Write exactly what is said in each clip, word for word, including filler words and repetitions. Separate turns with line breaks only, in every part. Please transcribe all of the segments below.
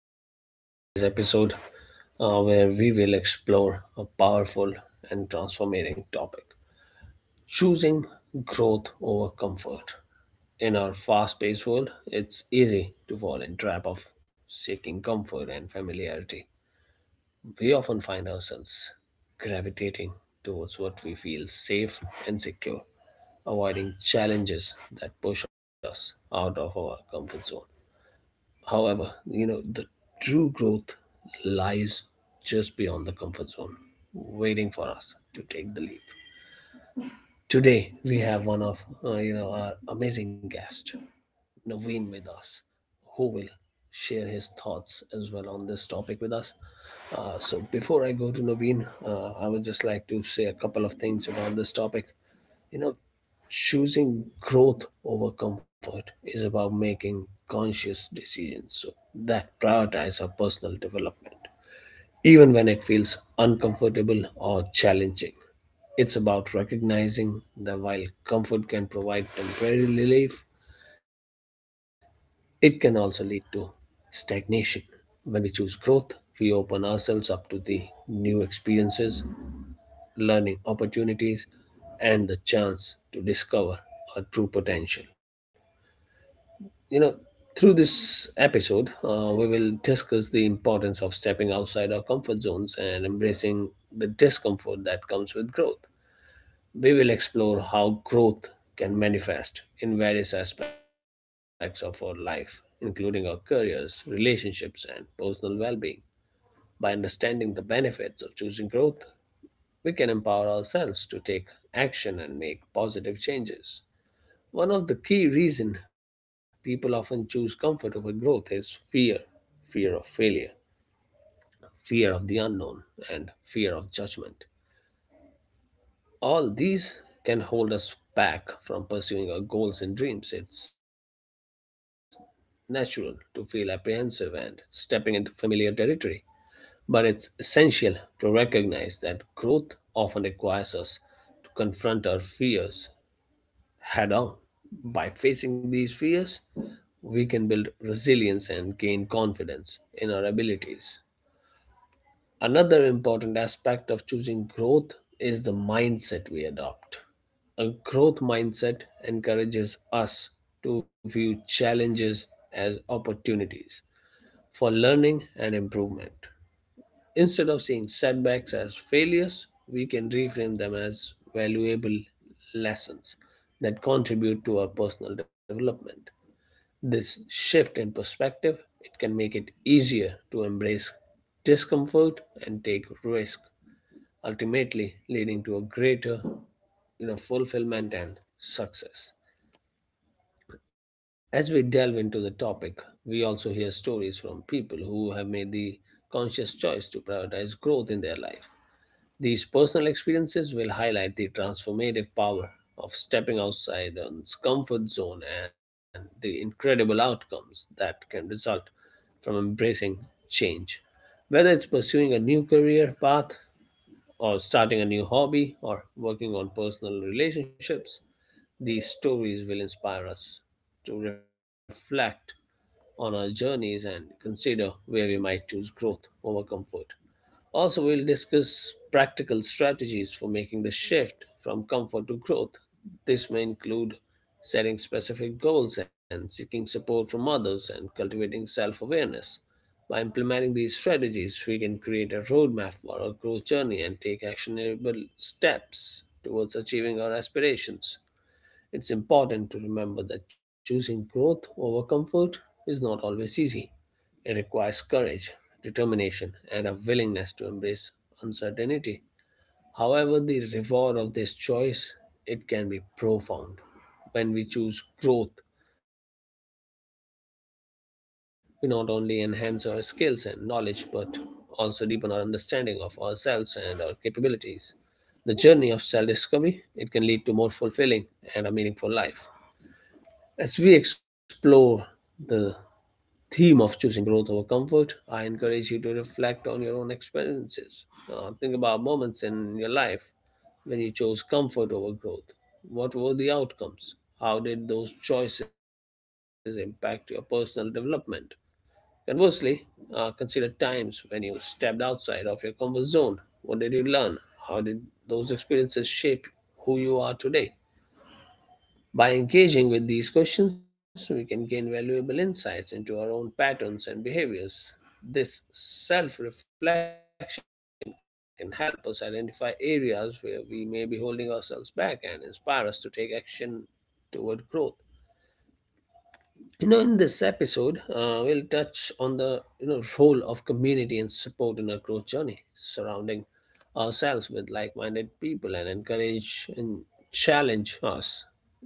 welcome to today's episode uh, where we will explore a powerful and transforming topic, choosing growth over comfort. In our fast paced world, it's easy to fall in trap of seeking comfort and familiarity. We often find ourselves gravitating towards what we feel safe and secure, avoiding challenges that push us out of our comfort zone. However, you know, the true growth lies just beyond the comfort zone, waiting for us to take the leap. Today, we have one of, uh, you know, our amazing guest, Naveen with us, who will share his thoughts as well on this topic with us. Uh, so before I go to Naveen, uh, I would just like to say a couple of things about this topic. You know, Choosing growth over comfort is about making conscious decisions so that prioritize our personal development. Even when it feels uncomfortable or challenging, it's about recognizing that while comfort can provide temporary relief, it can also lead to stagnation. When we choose growth, we open ourselves up to the new experiences, learning opportunities, and the chance to discover our true potential. You know, Through this episode, uh, we will discuss the importance of stepping outside our comfort zones and embracing the discomfort that comes with growth. We will explore how growth can manifest in various aspects of our life, including our careers, relationships, and personal well being. By understanding the benefits of choosing growth, we can empower ourselves to take action and make positive changes. One of the key reasons people often choose comfort over growth is fear, fear of failure, fear of the unknown, and fear of judgment. All these can hold us back from pursuing our goals and dreams. It's natural to feel apprehensive and stepping into familiar territory, but it's essential to recognize that growth often requires us to confront our fears head on. By facing these fears, we can build resilience and gain confidence in our abilities. Another important aspect of choosing growth is the mindset we adopt. A growth mindset encourages us to view challenges as opportunities for learning and improvement. Instead of seeing setbacks as failures, we can reframe them as valuable lessons that contribute to our personal development. This shift in perspective, it can make it easier to embrace discomfort and take risk, ultimately leading to a greater, you know, fulfillment and success. As we delve into the topic, we also hear stories from people who have made the conscious choice to prioritize growth in their life. These personal experiences will highlight the transformative power of stepping outside one's comfort zone and the incredible outcomes that can result from embracing change. Whether it's pursuing a new career path, or starting a new hobby, or working on personal relationships, these stories will inspire us to reflect on our journeys and consider where we might choose growth over comfort. Also, we'll discuss practical strategies for making the shift from comfort to growth. This may include setting specific goals and seeking support from others and cultivating self awareness. By implementing these strategies, we can create a roadmap for our growth journey and take actionable steps towards achieving our aspirations. It's important to remember that choosing growth over comfort is not always easy. It requires courage, determination, and a willingness to embrace uncertainty. However, the reward of this choice it can be profound. When we choose growth, we not only enhance our skills and knowledge but also deepen our understanding of ourselves and our capabilities. The journey of self-discovery it can lead to more fulfilling and a meaningful life. As we explore the theme of choosing growth over comfort, I encourage you to reflect on your own experiences. Uh, think about moments in your life when you chose comfort over growth. What were the outcomes? How did those choices impact your personal development? Conversely, uh, consider times when you stepped outside of your comfort zone. What did you learn? How did those experiences shape who you are today? By engaging with these questions, we can gain valuable insights into our own patterns and behaviors. This self reflection can help us identify areas where we may be holding ourselves back and inspire us to take action toward growth. You know, in this episode, uh, we'll touch on the you know role of community and support in our growth journey, surrounding ourselves with like-minded people and encourage and challenge us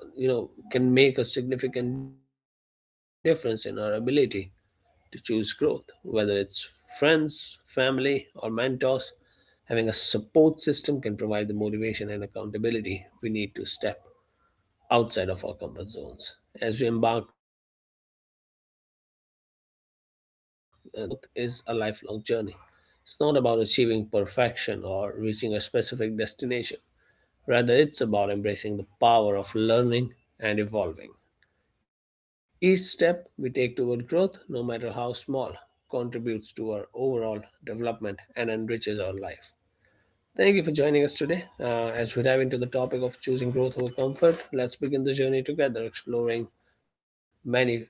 uh, you know can make a significant difference in our ability to choose growth, whether it's friends family or mentors, having a support system can provide the motivation and accountability we need to step outside of our comfort zones. As we embark uh, the exploration of choosing growth over comfort, let's keep in mind that growth is a lifelong journey. It's not about achieving perfection or reaching a specific destination. Rather, it's about embracing the power of learning and evolving. Each step we take toward growth, no matter how small, contributes to our overall development and enriches our life. Thank you for joining us today. Uh, as we dive into the topic of choosing growth over comfort, let's begin the journey together, exploring many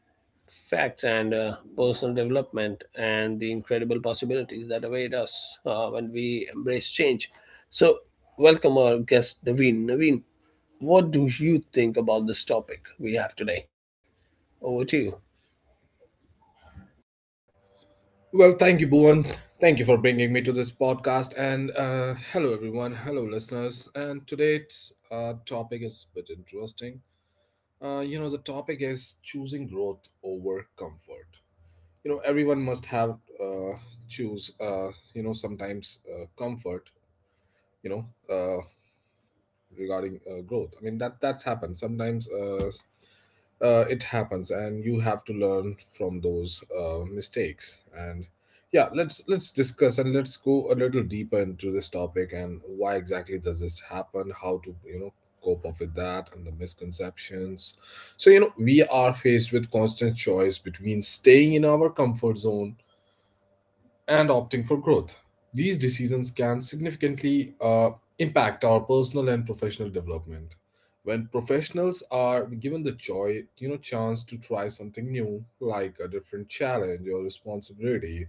facts and uh, personal development and the incredible possibilities that await us uh, when we embrace change. So, welcome our guest, Naveen. Naveen, what do you think about this topic we have today? Over to you.
Well, thank you, Bhuvan. Thank you for bringing me to this podcast. And uh, Hello, everyone. Hello, listeners. And today's uh, topic is a bit interesting. Uh, you know, the topic is choosing growth over comfort. You know, everyone must have uh, choose. Uh, you know, sometimes uh, comfort. You know, uh, regarding uh, growth. I mean, that that's happened sometimes. Uh, uh, it happens and you have to learn from those uh, mistakes and yeah, let's let's discuss, and let's go a little deeper into this topic and why exactly does this happen, how to, you know, cope up with that, and the misconceptions. So you know, we are faced with constant choice between staying in our comfort zone and opting for growth. These decisions can significantly uh, impact our personal and professional development. When professionals are given the choice, you know, chance to try something new, like a different challenge or responsibility,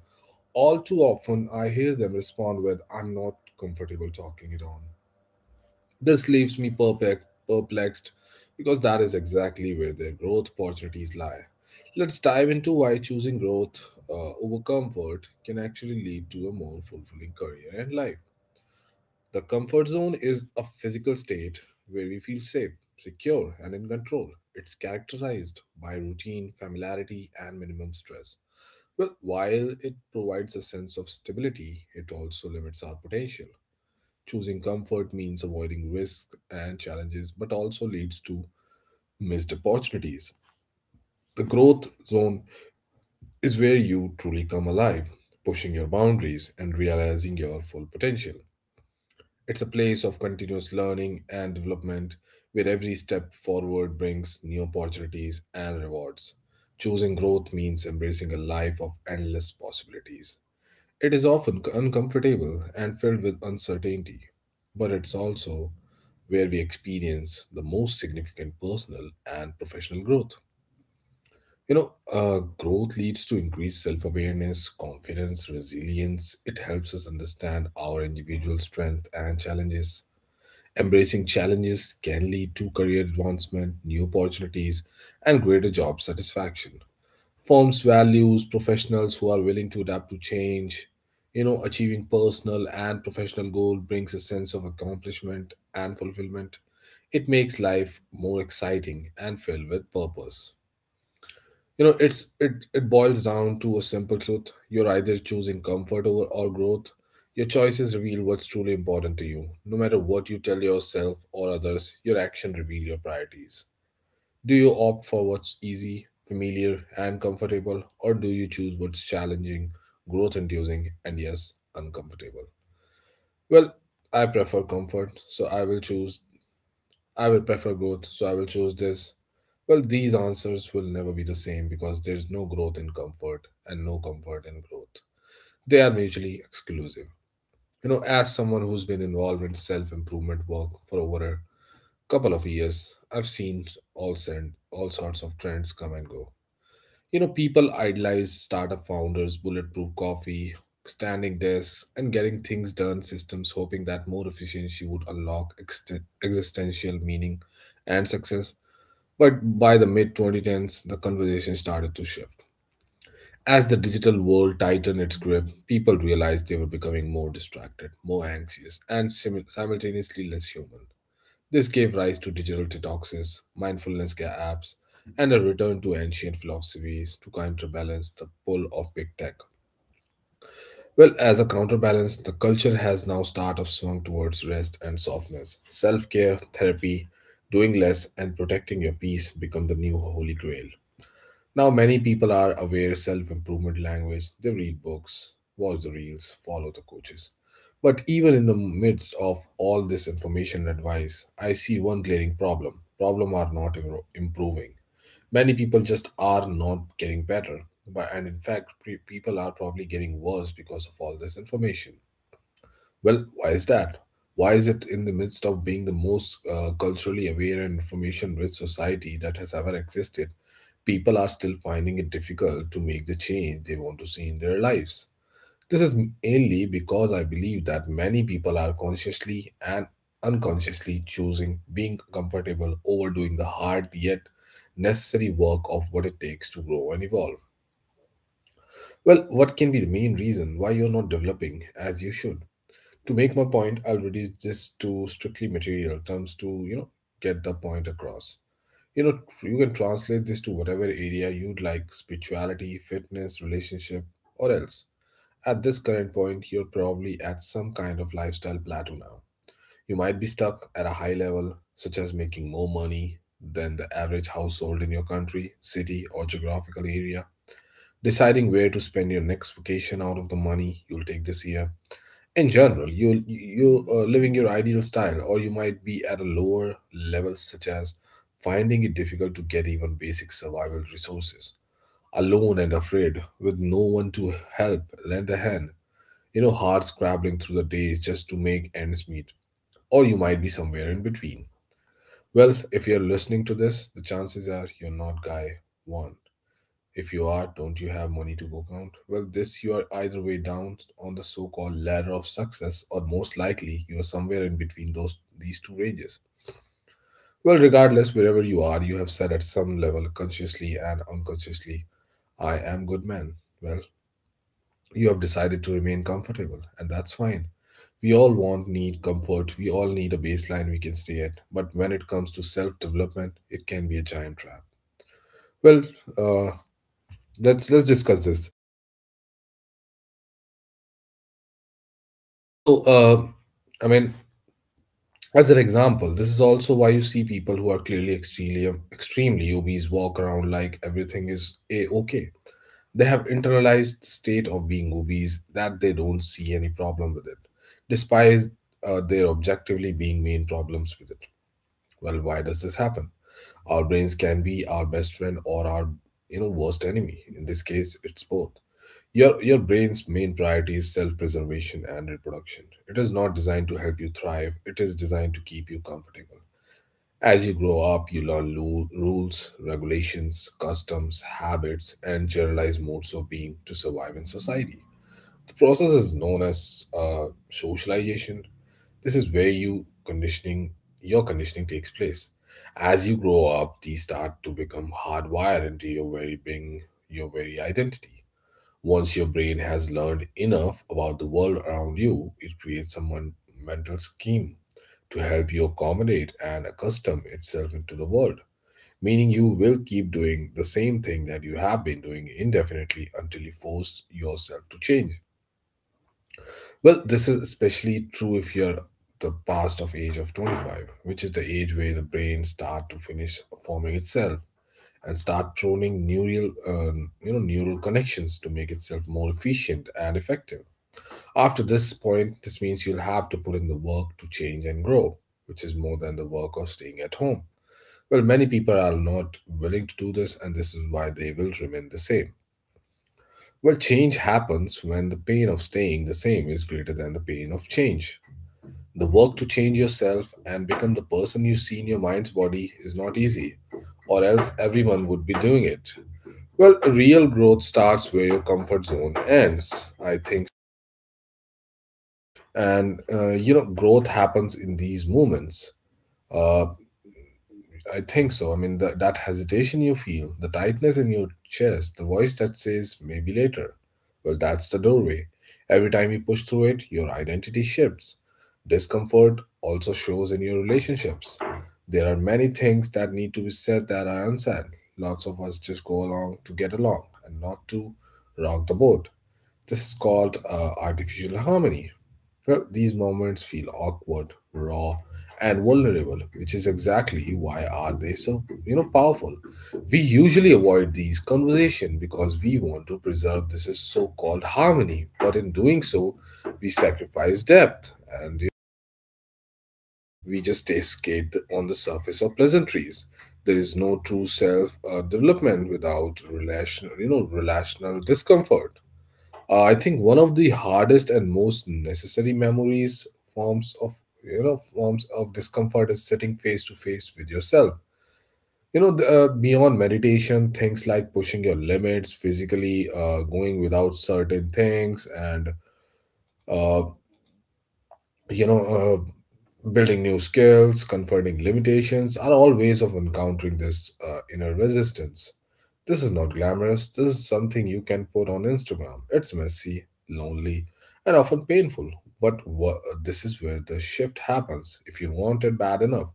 all too often I hear them respond with, I'm not comfortable talking it on. This leaves me perplex- perplexed because that is exactly where their growth opportunities lie. Let's dive into why choosing growth uh, over comfort can actually lead to a more fulfilling career and life. The comfort zone is a physical state where we feel safe, secure, and in control. It's characterized by routine, familiarity, and minimum stress. Well, while it provides a sense of stability, it also limits our potential. Choosing comfort means avoiding risks and challenges, but also leads to missed opportunities. The growth zone is where you truly come alive, pushing your boundaries and realizing your full potential. It's a place of continuous learning and development, where every step forward brings new opportunities and rewards. Choosing growth means embracing a life of endless possibilities. It is often uncomfortable and filled with uncertainty, but it's also where we experience the most significant personal and professional growth. You know, uh, growth leads to increased self awareness, confidence, resilience. It helps us understand our individual strength and challenges. Embracing challenges can lead to career advancement, new opportunities, and greater job satisfaction. Firms values professionals who are willing to adapt to change. You know, achieving personal and professional goal brings a sense of accomplishment and fulfillment. It makes life more exciting and filled with purpose. You know, it's it, it boils down to a simple truth. You're either choosing comfort over or growth. Your choices reveal what's truly important to you. No matter what you tell yourself or others, your action reveal your priorities. Do you opt for what's easy, familiar, and comfortable, or do you choose what's challenging, growth inducing, and yes, uncomfortable? Well, I prefer comfort, so I will choose, I will prefer growth, so I will choose this. Well, these answers will never be the same because there's no growth in comfort and no comfort in growth. They are mutually exclusive. You know, as someone who's been involved in self improvement work for over a couple of years, I've seen all, sen- all sorts of trends come and go. You know, people idolize startup founders, bulletproof coffee, standing desks, and getting things done systems, hoping that more efficiency would unlock exten- existential meaning and success. But by the mid twenty tens, the conversation started to shift. As the digital world tightened its grip, people realized they were becoming more distracted, more anxious, and simu- simultaneously less human. This gave rise to digital detoxes, mindfulness care apps, and a return to ancient philosophies to counterbalance the pull of big tech. Well, as a counterbalance, the culture has now started of swung towards rest and softness. Self-care, therapy, doing less, and protecting your peace become the new holy grail. Now, many people are aware self improvement language. They read books, watch the reels, follow the coaches. But even in the midst of all this information and advice, I see one glaring problem. Problem are not im- improving. Many people just are not getting better. But, and in fact, pre- people are probably getting worse because of all this information. Well, why is that? Why is it in the midst of being the most uh, culturally aware and information rich society that has ever existed? People are still finding it difficult to make the change they want to see in their lives. This is mainly because I believe that many people are consciously and unconsciously choosing being comfortable over doing the hard yet necessary work of what it takes to grow and evolve. Well, what can be the main reason why you're not developing as you should? To make my point, I'll reduce this to strictly material terms to, you know, get the point across. You know, you can translate this to whatever area you'd like, spirituality, fitness, relationship, or else. At this current point, you're probably at some kind of lifestyle plateau. Now, you might be stuck at a high level, such as making more money than the average household in your country, city, or geographical area, deciding where to spend your next vacation out of the money you'll take this year. In general, you you uh, living your ideal style, or you might be at a lower level, such as finding it difficult to get even basic survival resources, alone and afraid with no one to help, lend a hand, you know, hard scrabbling through the days just to make ends meet, or you might be somewhere in between. Well, if you're listening to this, the chances are you're not guy one. If you are, don't you have money to go count? Well, this you are either way down on the so-called ladder of success, or most likely you are somewhere in between those these two ranges. Well, regardless, wherever you are, you have said at some level, consciously and unconsciously, I am good man. Well, you have decided to remain comfortable, and that's fine. We all want need comfort, we all need a baseline we can stay at, but when it comes to self-development, it can be a giant trap. Well, uh, let's let's discuss this. So, uh, I mean, as an example, this is also why you see people who are clearly extremely, um, extremely obese walk around like everything is a okay. They have internalized the state of being obese that they don't see any problem with it, despite uh, their objectively being main problems with it. Well, why does this happen? Our brains can be our best friend or our, you know, worst enemy. In this case, it's both. Your, your brain's main priority is self preservation and reproduction. It is not designed to help you thrive, it is designed to keep you comfortable. As you grow up, you learn lu- rules, regulations, customs, habits, and generalized modes of being to survive in society. The process is known as uh, socialization. This is where you conditioning your conditioning takes place. As you grow up, these start to become hardwired into your very being, your very identity. Once your brain has learned enough about the world around you, it creates a mon- mental scheme to help you accommodate and accustom itself into the world, meaning you will keep doing the same thing that you have been doing indefinitely until you force yourself to change. Well, this is especially true if you're the past of age of twenty-five, which is the age where the brain start to finish forming itself and start pruning neural, um, you know, neural connections to make itself more efficient and effective. After this point, this means you'll have to put in the work to change and grow, which is more than the work of staying at home. Well, many people are not willing to do this, and this is why they will remain the same. Well, change happens when the pain of staying the same is greater than the pain of change. The work to change yourself and become the person you see in your mind's body is not easy, or else everyone would be doing it. Well, real growth starts where your comfort zone ends. I think, and uh, you know, growth happens in these moments. Uh, I think so I mean the, That hesitation you feel, the tightness in your chest, the voice that says maybe later, well that's the doorway. Every time you push through it, your identity shifts. Discomfort also shows in your relationships. There are many things that need to be said that are unsaid. Lots of us just go along to get along and not to rock the boat. This is called uh, artificial harmony. Well, these moments feel awkward, raw, and vulnerable, which is exactly why are they so, you know, powerful. We usually avoid these conversations because we want to preserve this is so-called harmony, but in doing so, we sacrifice depth, and, you know, we just stay skate on the surface of pleasantries. There is no true self uh, development without relational, you know, relational discomfort. Uh, I think one of the hardest and most necessary memories forms of you know forms of discomfort is sitting face to face with yourself. You know, the, uh, beyond meditation, things like pushing your limits physically, uh, going without certain things, and uh, you know uh, building new skills confronting limitations are all ways of encountering this uh, inner resistance. This is not glamorous, this is something you can put on Instagram. It's messy, lonely, and often painful, but wha- this is where the shift happens if you want it bad enough.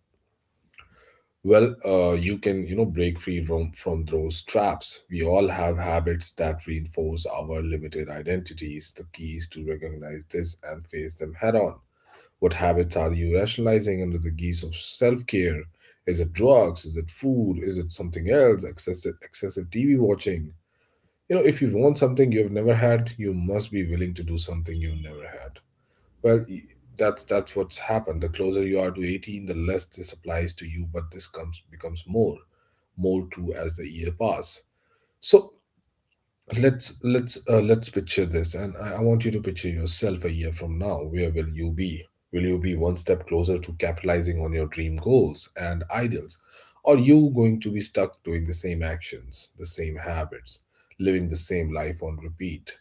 Well uh, you can you know break free from from those traps. We all have habits that reinforce our limited identities. The keys to recognize this and face them head on. What habits are you rationalizing under the guise of self care? Is it drugs? Is it food? Is it something else? Excessive, excessive T V watching? You know, if you want something you've never had, you must be willing to do something you've never had. Well, y- that's that's what's happened. The closer you are to eighteen, the less this applies to you, but this comes becomes more, more true as the year pass. So Let's let's uh, let's picture this, and I, I want you to picture yourself a year from now. Where will you be? Will you be one step closer to capitalizing on your dream goals and ideals, or you going to be stuck doing the same actions, the same habits, living the same life on repeat?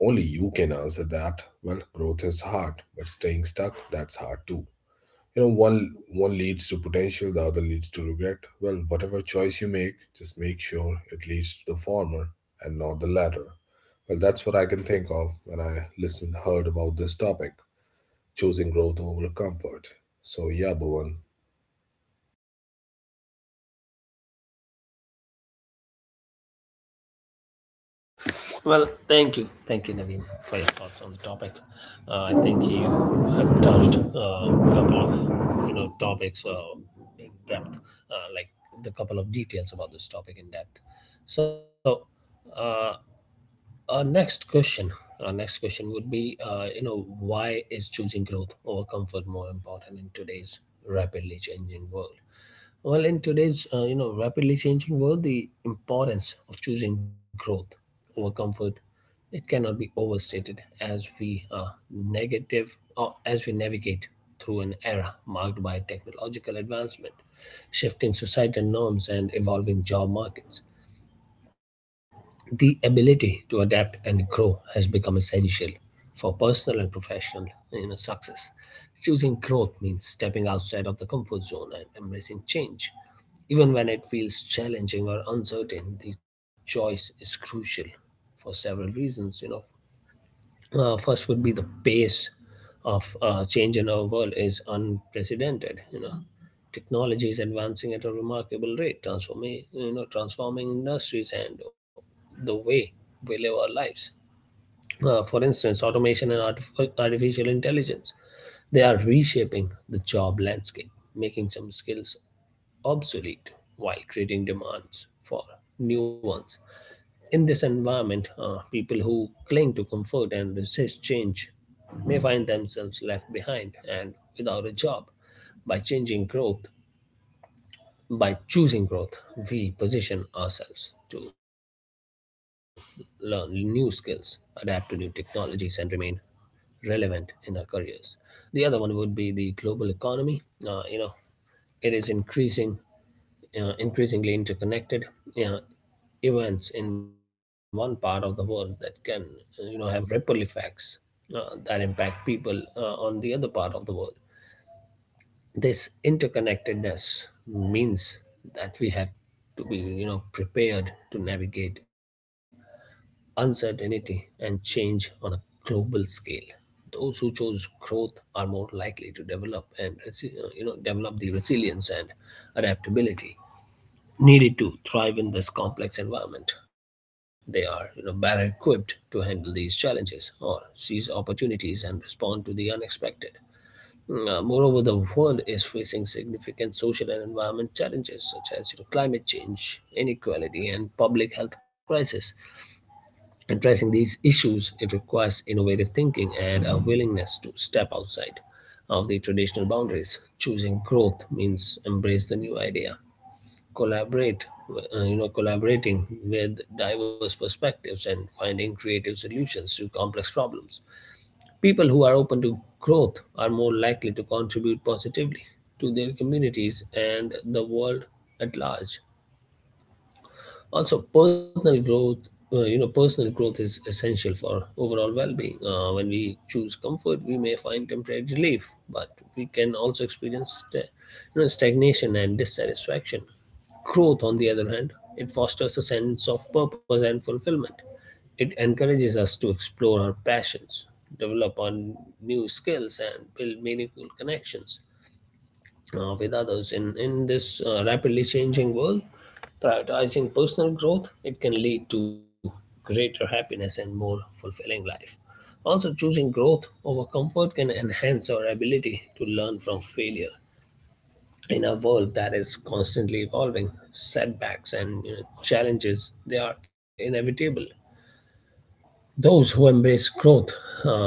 Only you can answer that. Well, growth is hard, but staying stuck, that's hard too. You know, one one leads to potential, the other leads to regret. Well, whatever choice you make, just make sure it leads to the former and not the latter. Well, that's what I can think of when I listened heard about this topic, choosing growth over comfort. So yeah, Bhuvan.
Well, thank you. Thank you, Naveen, for your thoughts on the topic. Uh, I think you have touched uh, a couple of you know topics uh, in depth, uh, like the couple of details about this topic in depth. So, uh, our next question, our next question would be, uh, you know, why is choosing growth over comfort more important in today's rapidly changing world? Well, in today's uh, you know rapidly changing world, the importance of choosing growth over comfort it cannot be overstated as we uh, negative or as we navigate through an era marked by technological advancement, shifting societal norms, and evolving job markets. The ability to adapt and grow has become essential for personal and professional you know, success. Choosing growth means stepping outside of the comfort zone and embracing change. Even when it feels challenging or uncertain, the choice is crucial for several reasons. You know, uh, first would be the pace of uh, change in our world is unprecedented. You know, technology is advancing at a remarkable rate, transforming you know transforming industries and the way we live our lives. Uh, for instance, automation and artif- artificial intelligence, they are reshaping the job landscape, making some skills obsolete while creating demands for new ones. In this environment, uh, people who cling to comfort and resist change may find themselves left behind and without a job. By changing growth, by choosing growth, we position ourselves to learn new skills, adapt to new technologies, and remain relevant in our careers. The other one would be the global economy. Uh, you know, it is increasing, uh, increasingly interconnected. Yeah, events in one part of the world that can uh, you know have ripple effects uh, that impact people uh, on the other part of the world. This interconnectedness means that we have to be you know prepared to navigate uncertainty and change on a global scale. Those who chose growth are more likely to develop and resi- uh, you know develop the resilience and adaptability needed to thrive in this complex environment. They are you know, better equipped to handle these challenges or seize opportunities and respond to the unexpected. Uh, moreover, the world is facing significant social and environment challenges such as you know, climate change, inequality, and public health crisis. Addressing these issues, it requires innovative thinking and a willingness to step outside of the traditional boundaries. Choosing growth means embrace the new idea, collaborate uh, you know collaborating with diverse perspectives and finding creative solutions to complex problems. People who are open to growth are more likely to contribute positively to their communities and the world at large. Also, personal growth uh, you know personal growth is essential for overall well-being. Uh, when we choose comfort we may find temporary relief, but we can also experience sta- you know, stagnation and dissatisfaction. Growth, on the other hand, it fosters a sense of purpose and fulfillment. It encourages us to explore our passions, develop on new skills, and build meaningful connections uh, with others. In, in this uh, rapidly changing world, prioritizing personal growth, it can lead to greater happiness and more fulfilling life. Also, choosing growth over comfort can enhance our ability to learn from failure. In a world that is constantly evolving, setbacks and you know, challenges they are inevitable. Those who embrace growth, uh,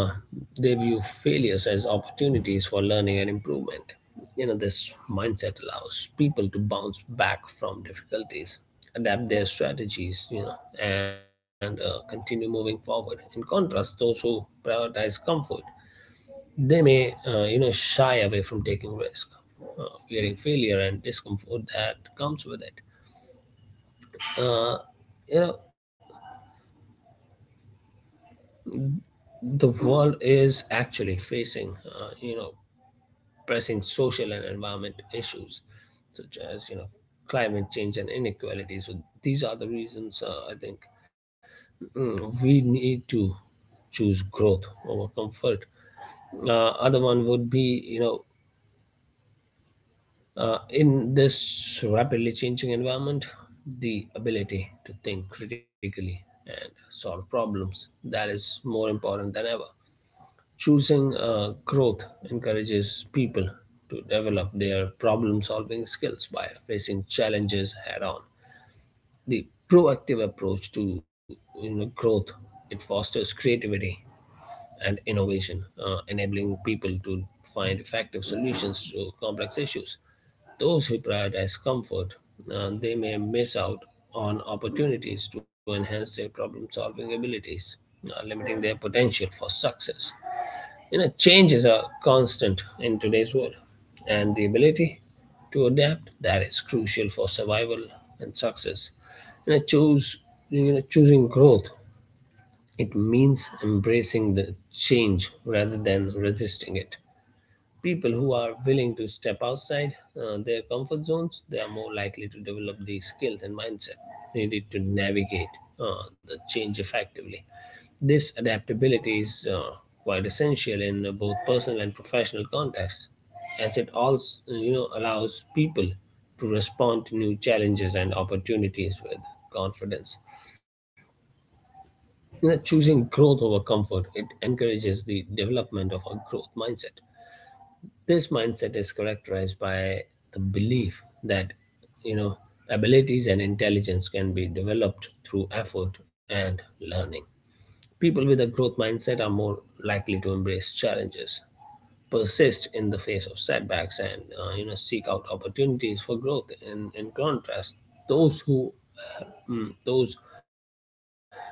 they view failures as opportunities for learning and improvement. You know, this mindset allows people to bounce back from difficulties, adapt their strategies, you know, and uh, continue moving forward. In contrast, those who prioritize comfort they may, uh, you know, shy away from taking risk, uh, fearing failure and discomfort that comes with it. Uh, you know, the world is actually facing, uh, you know, pressing social and environment issues such as, you know, climate change and inequality. So these are the reasons uh, I think mm, we need to choose growth over comfort. Uh, other one would be, you know, Uh, in this rapidly changing environment, the ability to think critically and solve problems, that is more important than ever. Choosing uh, growth encourages people to develop their problem-solving skills by facing challenges head-on. The proactive approach to, you know, growth, it fosters creativity and innovation, uh, enabling people to find effective solutions to complex issues. Those who prioritize comfort, uh, they may miss out on opportunities to enhance their problem-solving abilities, uh, limiting their potential for success. You know, change is a constant in today's world, and the ability to adapt, that is crucial for survival and success. You know, choose you know choosing growth, it means embracing the change rather than resisting it. People who are willing to step outside uh, their comfort zones, they are more likely to develop the skills and mindset needed to navigate uh, the change effectively. This adaptability is uh, quite essential in uh, both personal and professional contexts, as it also you know allows people to respond to new challenges and opportunities with confidence. You know, choosing growth over comfort, it encourages the development of a growth mindset. This mindset is characterized by the belief that, you know, abilities and intelligence can be developed through effort and learning. People with a growth mindset are more likely to embrace challenges, persist in the face of setbacks, and, uh, you know, seek out opportunities for growth. In, in contrast, those who mm, those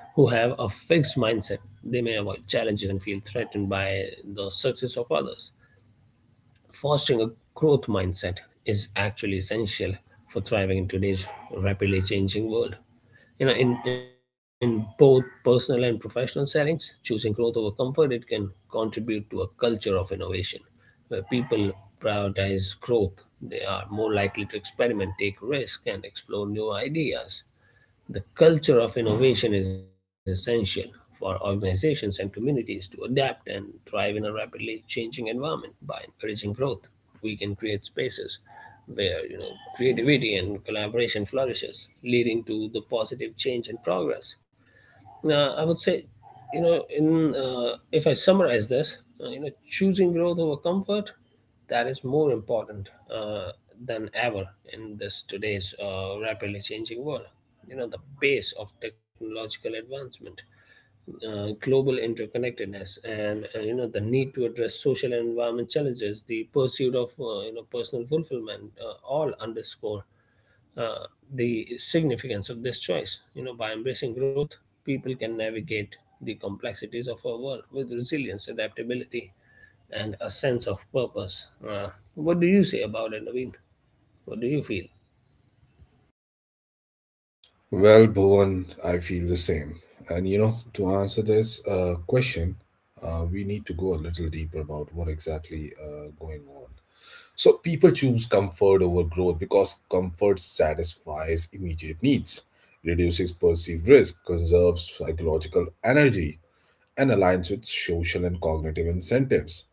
who have a fixed mindset they may avoid challenges and feel threatened by the success of others. Fostering a growth mindset is actually essential for thriving in today's rapidly changing world. You know, in, in both personal and professional settings, choosing growth over comfort, it can contribute to a culture of innovation. Where people prioritize growth, they are more likely to experiment, take risk, and explore new ideas. The culture of innovation is essential for organizations and communities to adapt and thrive in a rapidly changing environment. By encouraging growth, we can create spaces where you know creativity and collaboration flourishes, leading to the positive change and progress. Uh, I would say, you know, in uh, if I summarize this, uh, you know, choosing growth over comfort, that is more important uh, than ever in this today's uh, rapidly changing world. You know, the pace of technological advancement, uh, global interconnectedness, and uh, you know the need to address social and environment challenges, the pursuit of uh, you know personal fulfillment, uh, all underscore uh, the significance of this choice. You know, by embracing growth, people can navigate the complexities of our world with resilience, adaptability, and a sense of purpose. Uh, what do you say about it, Naveen? What do you feel?
Well, Bhuvan, I feel the same. And you know, to answer this uh, question, uh, we need to go a little deeper about what exactly uh, going on. So people choose comfort over growth because comfort satisfies immediate needs, reduces perceived risk, conserves psychological energy, and aligns with social and cognitive incentives.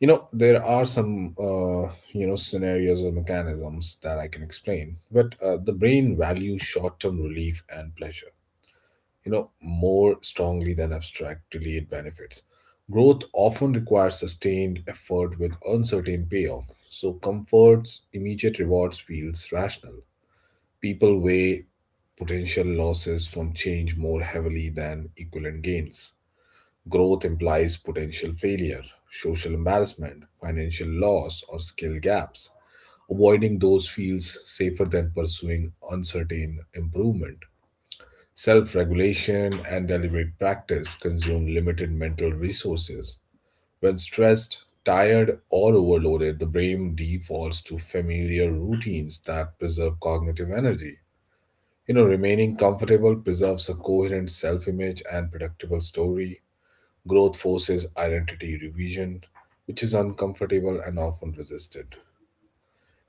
You know, there are some, uh, you know, scenarios or mechanisms that I can explain, but uh, the brain values short term relief and pleasure, you know, more strongly than abstract delayed benefits. Growth often requires sustained effort with uncertain payoff, so comfort's immediate rewards feels rational. People weigh potential losses from change more heavily than equivalent gains. Growth implies potential failure, social embarrassment, financial loss, or skill gaps. Avoiding those feels safer than pursuing uncertain improvement. Self regulation and deliberate practice consume limited mental resources. When stressed, tired, or overloaded, the brain defaults to familiar routines that preserve cognitive energy. You know, remaining comfortable preserves a coherent self image and predictable story. Growth forces identity revision, which is uncomfortable and often resisted.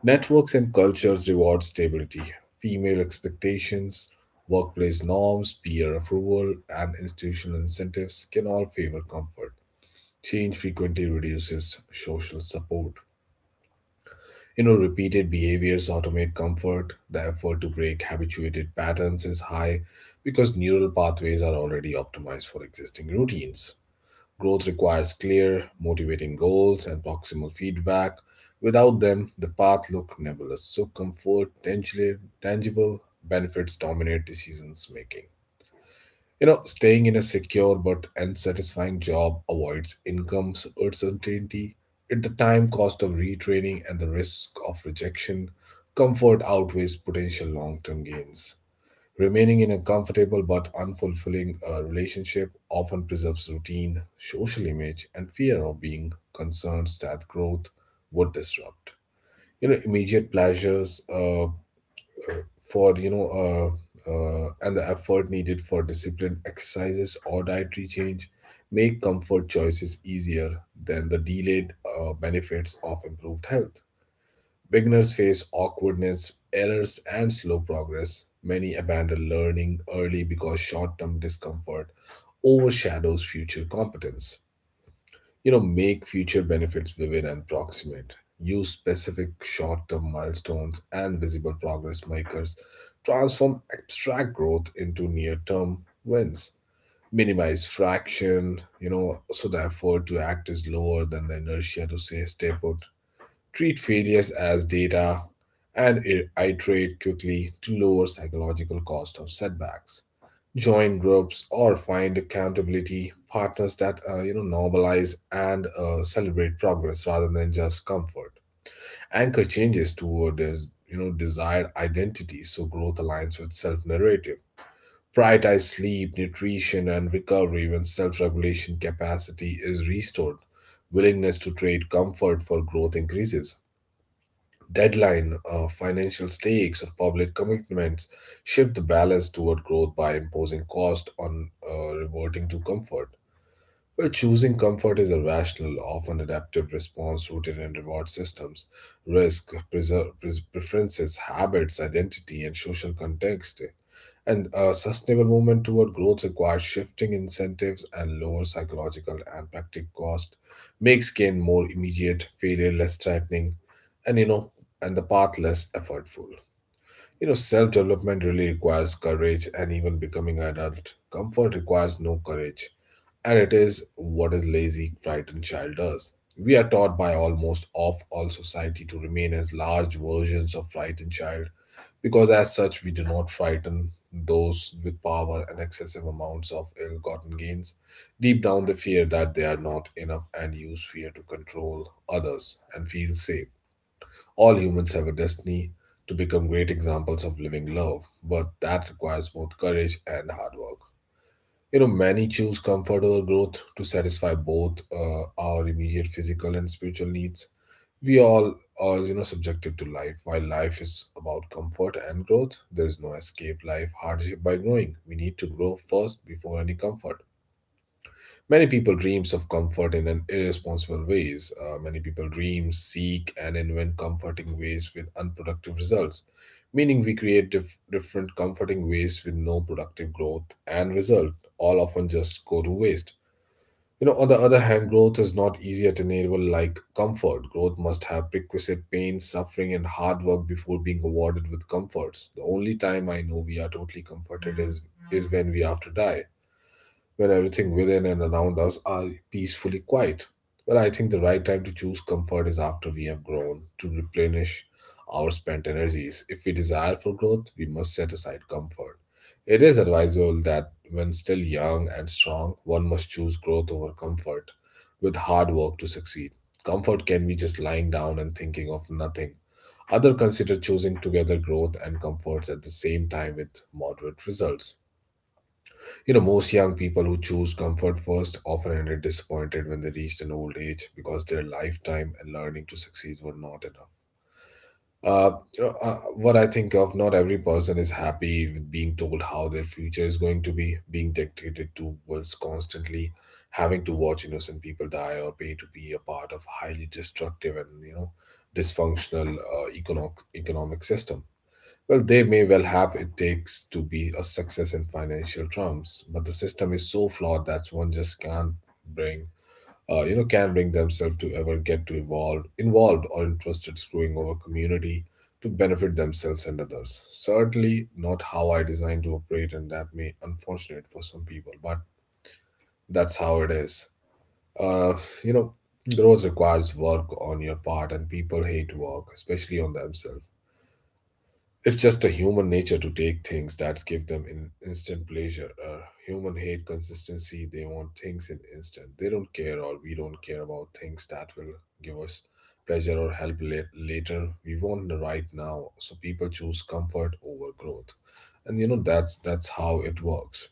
Networks and cultures reward stability, female expectations, workplace norms, peer approval, and institutional incentives can all favor comfort. Change frequently reduces social support. You know, repeated behaviors automate comfort. The effort to break habituated patterns is high because neural pathways are already optimized for existing routines. Growth requires clear, motivating goals and proximal feedback. Without them, the path looks nebulous. So, comfort, tangible, tangible benefits dominate decisions making. You know, staying in a secure but unsatisfying job avoids income uncertainty. At the time cost of retraining and the risk of rejection, comfort outweighs potential long term gains. Remaining in a comfortable but unfulfilling uh, relationship often preserves routine, social image, and fear of being concerns that growth would disrupt. You know, immediate pleasures uh, uh, for, you know, uh, uh, and the effort needed for disciplined exercises or dietary change make comfort choices easier than the delayed uh, benefits of improved health. Beginners face awkwardness, errors, and slow progress. Many abandon learning early because short term discomfort overshadows future competence. You know, make future benefits vivid and proximate. Use specific short term milestones and visible progress makers. Transform abstract growth into near term wins. Minimize fraction, you know, so the effort to act is lower than the inertia to say stay put. Treat failures as data, and i- iterate quickly to lower psychological cost of setbacks. Join groups or find accountability partners that uh, you know normalize and uh, celebrate progress rather than just comfort. Anchor changes toward this, you know desired identity, so growth aligns with self-narrative. Prioritize sleep, nutrition, and recovery when self-regulation capacity is restored. Willingness to trade comfort for growth increases deadline, uh, financial stakes, or public commitments shift the balance toward growth by imposing cost on uh, reverting to comfort. Well, choosing comfort is a rational, often adaptive response rooted in reward systems, risk, preser- pres- preferences, habits, identity, and social context. And a sustainable movement toward growth requires shifting incentives and lower psychological and practical cost, makes gain more immediate, failure less threatening, and you know, and the path less effortful. You know, self-development really requires courage, and even becoming an adult, comfort requires no courage, and it is what a lazy, frightened child does. We are taught by almost of all society to remain as large versions of frightened child because as such we do not frighten those with power and excessive amounts of ill-gotten gains. Deep down they fear that they are not enough and use fear to control others and feel safe. All humans have a destiny to become great examples of living love, but that requires both courage and hard work. You know, many choose comfort over growth to satisfy both uh, our immediate physical and spiritual needs. We all are, you know, subjected to life. While life is about comfort and growth, there is no escape life hardship by growing. We need to grow first before any comfort. Many people dreams of comfort in an irresponsible ways. Uh, many people dream, seek, and invent comforting ways with unproductive results. Meaning, we create dif- different comforting ways with no productive growth and result. All often just go to waste. You know, on the other hand, growth is not easy at an able like comfort. Growth must have prerequisite pain, suffering, and hard work before being awarded with comforts. The only time I know we are totally comforted is is when we have to die, where everything within and around us are peacefully quiet. Well, I think the right time to choose comfort is after we have grown to replenish our spent energies. If we desire for growth, we must set aside comfort. It is advisable that when still young and strong, one must choose growth over comfort with hard work to succeed. Comfort can be just lying down and thinking of nothing. Other consider choosing together growth and comforts at the same time with moderate results. You know, most young people who choose comfort first often ended disappointed when they reached an old age because their lifetime and learning to succeed were not enough. Uh, you know, uh, what I think of, not every person is happy with being told how their future is going to be, being dictated to. Was constantly, having to watch innocent people die or pay to be a part of highly destructive and you know dysfunctional uh, economic economic system. Well, they may well have it takes to be a success in financial terms, but the system is so flawed that one just can't bring, uh, you know, can bring themselves to ever get to evolve, involved or interested screwing over community to benefit themselves and others. Certainly not how I designed to operate, and that may unfortunate for some people, but that's how it is. Uh, you know, growth requires work on your part, and people hate work, especially on themselves. It's just a human nature to take things that give them in instant pleasure. Uh, human hate consistency. They want things in instant. They don't care, or we don't care about things that will give us pleasure or help la- later. We want the right now. So people choose comfort over growth, and you know that's that's how it works.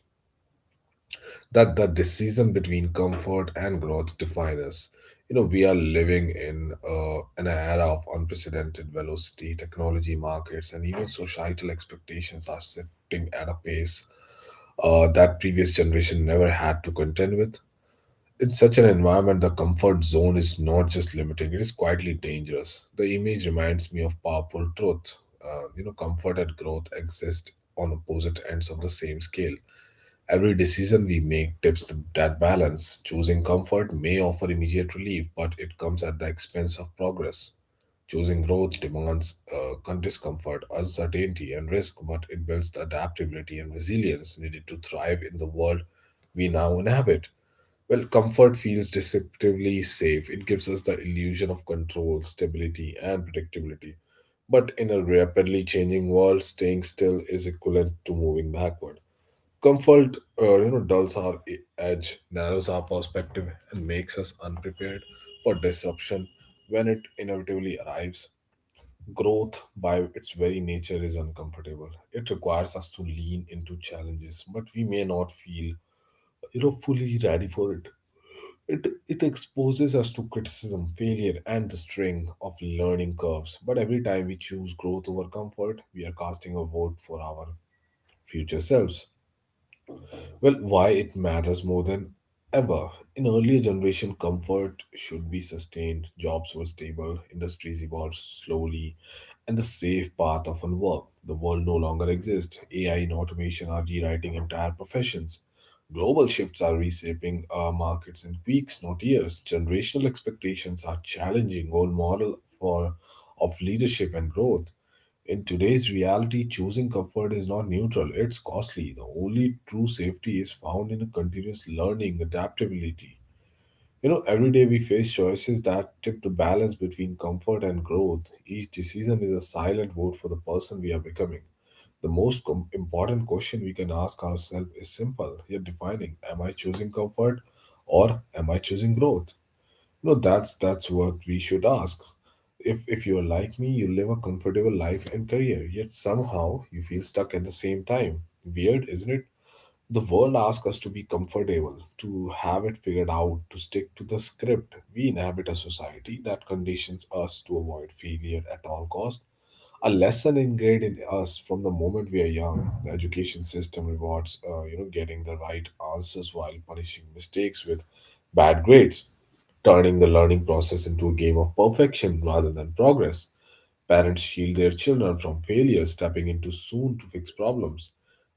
That the decision between comfort and growth define us. You know, we are living in uh, an era of unprecedented velocity. Technology, markets, and even societal expectations are shifting at a pace uh, that previous generation never had to contend with. In such an environment, the comfort zone is not just limiting; it is quietly dangerous. The image reminds me of powerful truth. Uh, you know, comfort and growth exist on opposite ends of the same scale. Every decision we make tips that balance. Choosing comfort may offer immediate relief, but it comes at the expense of progress. Choosing growth demands uh, con- discomfort, uncertainty, and risk, but it builds the adaptability and resilience needed to thrive in the world we now inhabit. Well, comfort feels deceptively safe. It gives us the illusion of control, stability, and predictability. But in a rapidly changing world, staying still is equivalent to moving backward. Comfort, uh, you know, dulls our e- edge, narrows our perspective, and makes us unprepared for disruption when it inevitably arrives. Growth, by its very nature, is uncomfortable. It requires us to lean into challenges, but we may not feel, you know, fully ready for it. It it exposes us to criticism, failure, and the string of learning curves. But every time we choose growth over comfort, we are casting a vote for our future selves. Well, why it matters more than ever. In earlier generation, comfort should be sustained, jobs were stable, industries evolved slowly, and the safe path often worked. The world no longer exists. A I and automation are rewriting entire professions. Global shifts are reshaping our markets in weeks, not years. Generational expectations are challenging old model for of leadership and growth. In today's reality, choosing comfort is not neutral, it's costly. The only true safety is found in a continuous learning, adaptability. You know, every day we face choices that tip the balance between comfort and growth. Each decision is a silent vote for the person we are becoming. The most com- important question we can ask ourselves is simple yet defining. Am I choosing comfort or am I choosing growth? No, that's that's what we should ask. If if you're like me, you live a comfortable life and career, yet somehow you feel stuck at the same time. Weird, isn't it? The world asks us to be comfortable, to have it figured out, to stick to the script. We inhabit a society that conditions us to avoid failure at all cost, a lesson ingrained in us from the moment we are young. The education system rewards, uh, you know, getting the right answers while punishing mistakes with bad grades, turning the learning process into a game of perfection rather than progress. Parents shield their children from failure, stepping into soon to fix problems.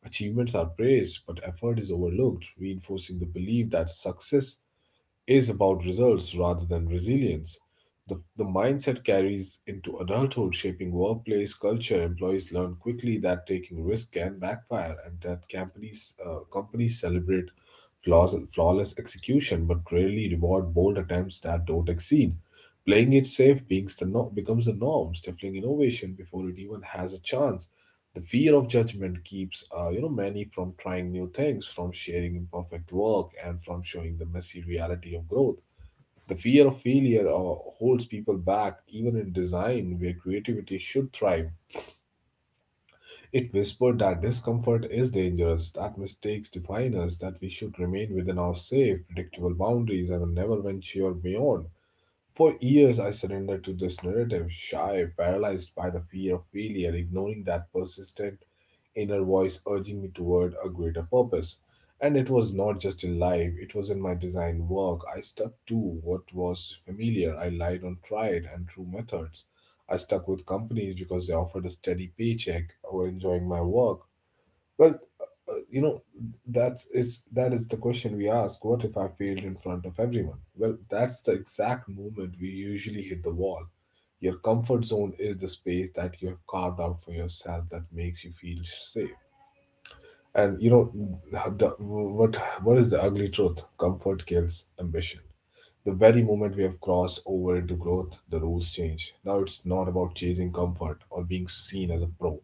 Achievements are praised, but effort is overlooked, reinforcing the belief that success is about results rather than resilience. The, the mindset carries into adulthood, shaping workplace culture. Employees learn quickly that taking risk can backfire, and that companies uh, companies celebrate flaws flawless execution, but rarely reward bold attempts that don't exceed. Playing it safe beings the no- becomes the norm, stifling innovation before it even has a chance. The fear of judgment keeps uh, you know many from trying new things, from sharing imperfect work, and from showing the messy reality of growth. The fear of failure uh, holds people back even in design where creativity should thrive. It whispered that discomfort is dangerous, that mistakes define us, that we should remain within our safe, predictable boundaries and never venture beyond. For years, I surrendered to this narrative, shy, paralyzed by the fear of failure, ignoring that persistent inner voice urging me toward a greater purpose. And it was not just in life, it was in my design work. I stuck to what was familiar. I relied on tried and true methods. I stuck with companies because they offered a steady paycheck or enjoying my work. Well, uh, you know, that's, is that is the question we ask. What if I failed in front of everyone? Well, that's the exact moment we usually hit the wall. Your comfort zone is the space that you have carved out for yourself that makes you feel safe. And you know, the, what what is the ugly truth? Comfort kills ambition. The very moment we have crossed over into growth, the rules change. Now it's not about chasing comfort or being seen as a pro.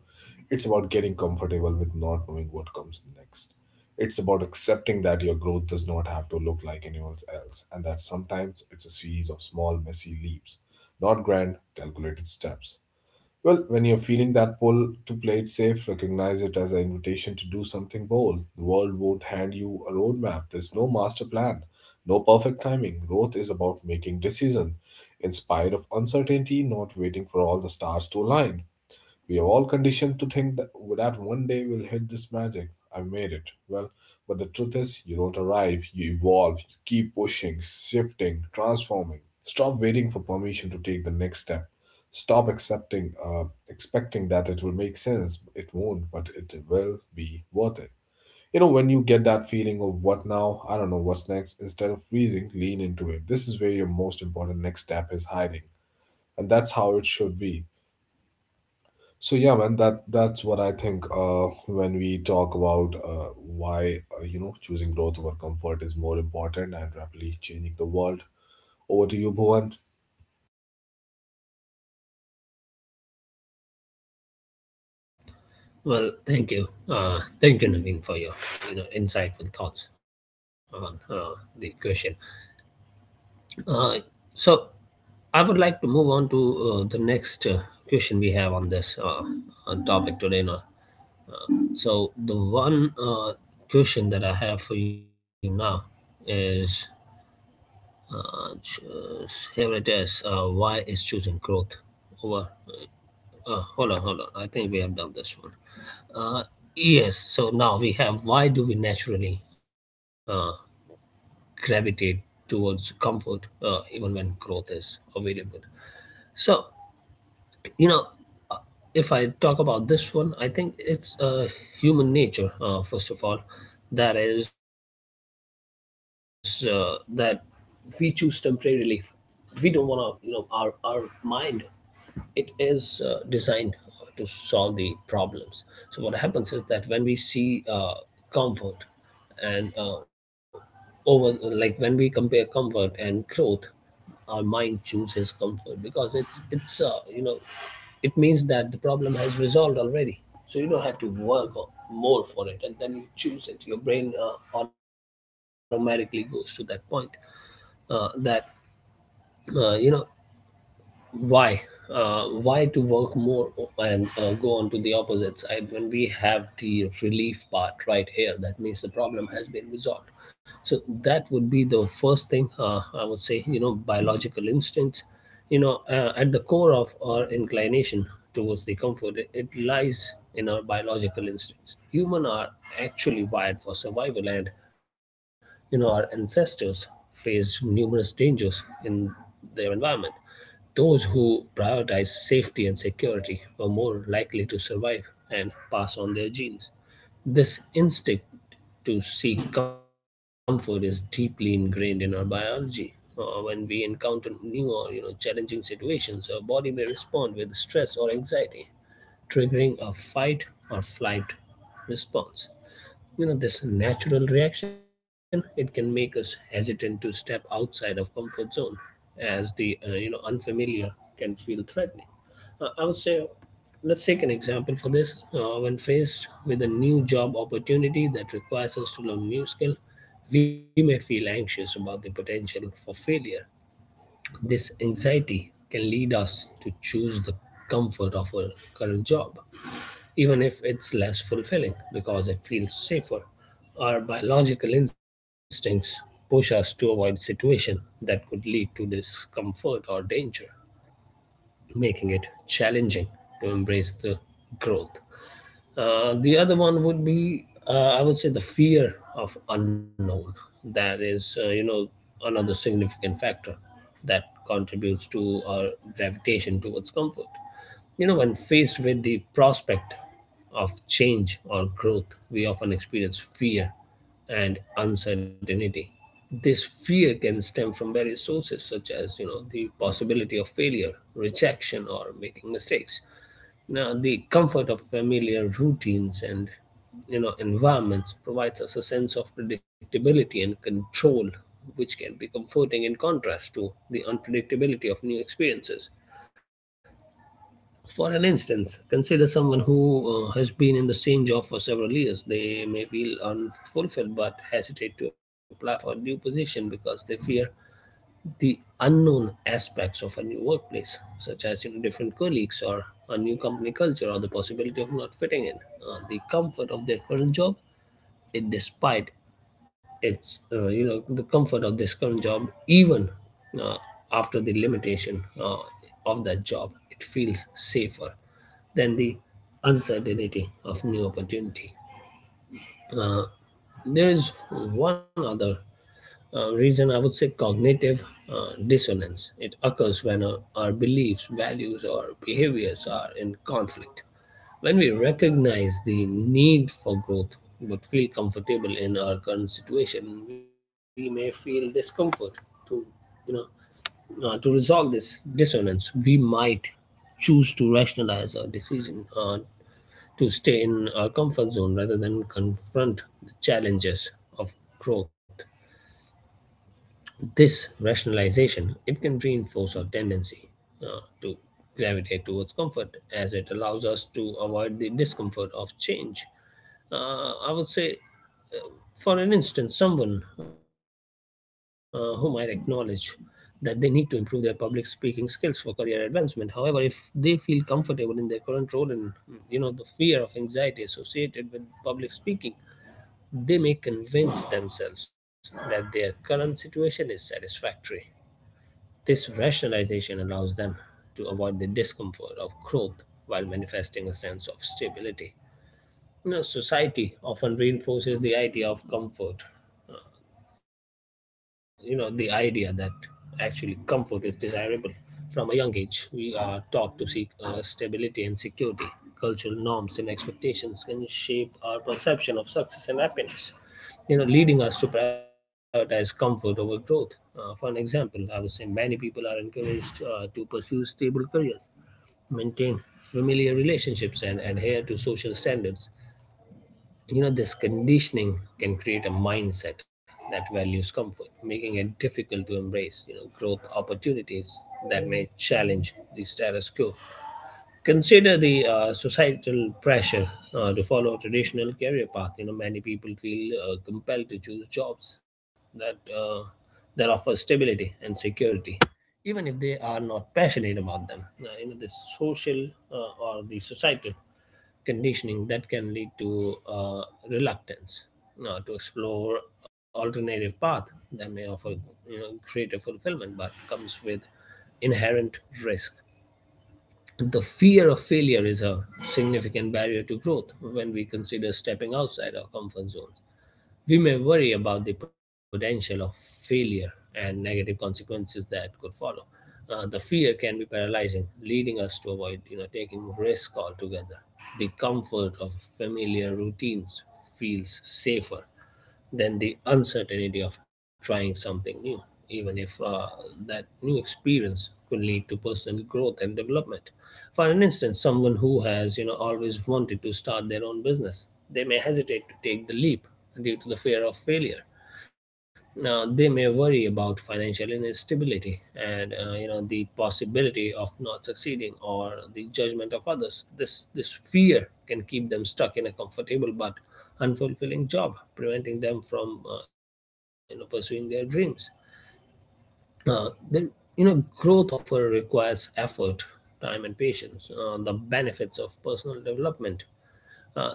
It's about getting comfortable with not knowing what comes next. It's about accepting that your growth does not have to look like anyone else and that sometimes it's a series of small, messy leaps, not grand, calculated steps. Well, when you're feeling that pull to play it safe, recognize it as an invitation to do something bold. The world won't hand you a roadmap. There's no master plan, no perfect timing. Growth is about making decision, in spite of uncertainty, not waiting for all the stars to align. We are all conditioned to think that, that one day we'll hit this magic. I made it. Well, but the truth is, you don't arrive, you evolve, you keep pushing, shifting, transforming. Stop waiting for permission to take the next step. Stop accepting, uh, expecting that it will make sense. It won't, but it will be worth it. You know, when you get that feeling of what now, I don't know what's next, instead of freezing, lean into it. This is where your most important next step is hiding. And that's how it should be. So yeah, man, that that's what I think. Uh, when we talk about uh, why uh, you know choosing growth over comfort is more important and rapidly changing the world. Over to you, Bhuvan.
Well, thank you, uh, thank you, Naveen, for your you know insightful thoughts on uh, the question. Uh, so I would like to move on to uh, the next uh, question we have on this uh, uh, topic today. You know, So the one uh, question that I have for you now is, uh, ch- uh, here it is. Uh, why is choosing growth over? Uh, hold on, hold on. I think we have done this one. Uh, yes. So now we have. Why do we naturally uh, gravitate towards comfort, uh, even when growth is available? So you know uh, if I talk about this one, I think it's uh, human nature, uh, first of all. That is uh, that we choose temporary relief. We don't want to, you know, our our mind, it is uh, designed to solve the problems. So what happens is that when we see uh, comfort and uh, over, like when we compare comfort and growth, our mind chooses comfort because it's it's uh, you know, it means that the problem has resolved already. So you don't have to work o- more for it, and then you choose it. Your brain uh, automatically goes to that point, uh, that uh, you know, why, uh, why to work more o- and uh, go on to the opposite side when we have the relief part right here? That means the problem has been resolved. So that would be the first thing. uh, I would say, you know, biological instincts. You know, uh, at the core of our inclination towards the comfort, it, it lies in our biological instincts. Human are actually wired for survival, and you know, our ancestors faced numerous dangers in their environment. Those who prioritized safety and security were more likely to survive and pass on their genes. This instinct to seek comfort is deeply ingrained in our biology. Uh, when we encounter new or you know challenging situations, our body may respond with stress or anxiety, triggering a fight or flight response. You know, this natural reaction, it can make us hesitant to step outside of comfort zone, as the uh, you know unfamiliar can feel threatening. uh, I would say, let's take an example for this. Uh, when faced with a new job opportunity that requires us to learn new skill, we may feel anxious about the potential for failure. This anxiety can lead us to choose the comfort of our current job, even if it's less fulfilling, because it feels safer. Our biological instincts push us to avoid situations that could lead to discomfort or danger, making it challenging to embrace the growth. Uh, the other one would be, uh, I would say, the fear of unknown. That is, uh, you know, another significant factor that contributes to our gravitation towards comfort. You know, when faced with the prospect of change or growth, we often experience fear and uncertainty. This fear can stem from various sources, such as, you know, the possibility of failure, rejection, or making mistakes. Now the comfort of familiar routines and, you know, environments provides us a sense of predictability and control, which can be comforting in contrast to the unpredictability of new experiences. For an instance, consider someone who uh, has been in the same job for several years. They may feel unfulfilled but hesitate to apply for a new position because they fear the unknown aspects of a new workplace, such as, you know, different colleagues, or a new company culture, or the possibility of not fitting in. Uh, the comfort of their current job, it despite its uh, you know the comfort of this current job, even uh, after the limitation uh, of that job, it feels safer than the uncertainty of new opportunity. Uh, there is one other uh, reason, I would say: cognitive uh, dissonance. It occurs when uh, our beliefs, values, or behaviors are in conflict. When we recognize the need for growth but feel comfortable in our current situation, we may feel discomfort. to, you know, uh, to resolve this dissonance, we might choose to rationalize our decision uh, to stay in our comfort zone rather than confront the challenges of growth. This rationalization, it can reinforce our tendency uh, to gravitate towards comfort, as it allows us to avoid the discomfort of change. Uh, I would say, uh, for an instance, someone uh, who might acknowledge that they need to improve their public speaking skills for career advancement. However, if they feel comfortable in their current role and, you know, the fear of anxiety associated with public speaking, they may convince themselves that their current situation is satisfactory. This rationalization allows them to avoid the discomfort of growth while manifesting a sense of stability. You know, society often reinforces the idea of comfort, uh, you know, the idea that actually comfort is desirable. From a young age we are taught to seek uh, stability and security. Cultural norms and expectations can shape our perception of success and happiness, you know, leading us to prioritize comfort over growth. Uh, for an example, I would say many people are encouraged uh, to pursue stable careers, maintain familiar relationships, and adhere to social standards. You know, this conditioning can create a mindset that values comfort, making it difficult to embrace, you know, growth opportunities that may challenge the status quo. Consider the uh, societal pressure uh, to follow a traditional career path. You know, many people feel uh, compelled to choose jobs that uh, that offer stability and security, even if they are not passionate about them. Uh, you know, the social uh, or the societal conditioning that can lead to uh, reluctance, you know, to explore alternative path that may offer you know greater fulfillment but comes with inherent risk. The fear of failure is a significant barrier to growth. When we consider stepping outside our comfort zones, we may worry about the potential of failure and negative consequences that could follow. Uh, the fear can be paralyzing, leading us to avoid, you know, taking risk altogether. The comfort of familiar routines feels safer than the uncertainty of trying something new, even if uh, that new experience could lead to personal growth and development. For an instance, someone who has you know always wanted to start their own business, they may hesitate to take the leap due to the fear of failure. Now, they may worry about financial instability and uh, you know the possibility of not succeeding or the judgment of others. This this fear can keep them stuck in a comfortable but unfulfilling job, preventing them from uh, you know pursuing their dreams. Uh, then, you know growth often requires effort, time, and patience. Uh, the benefits of personal development uh,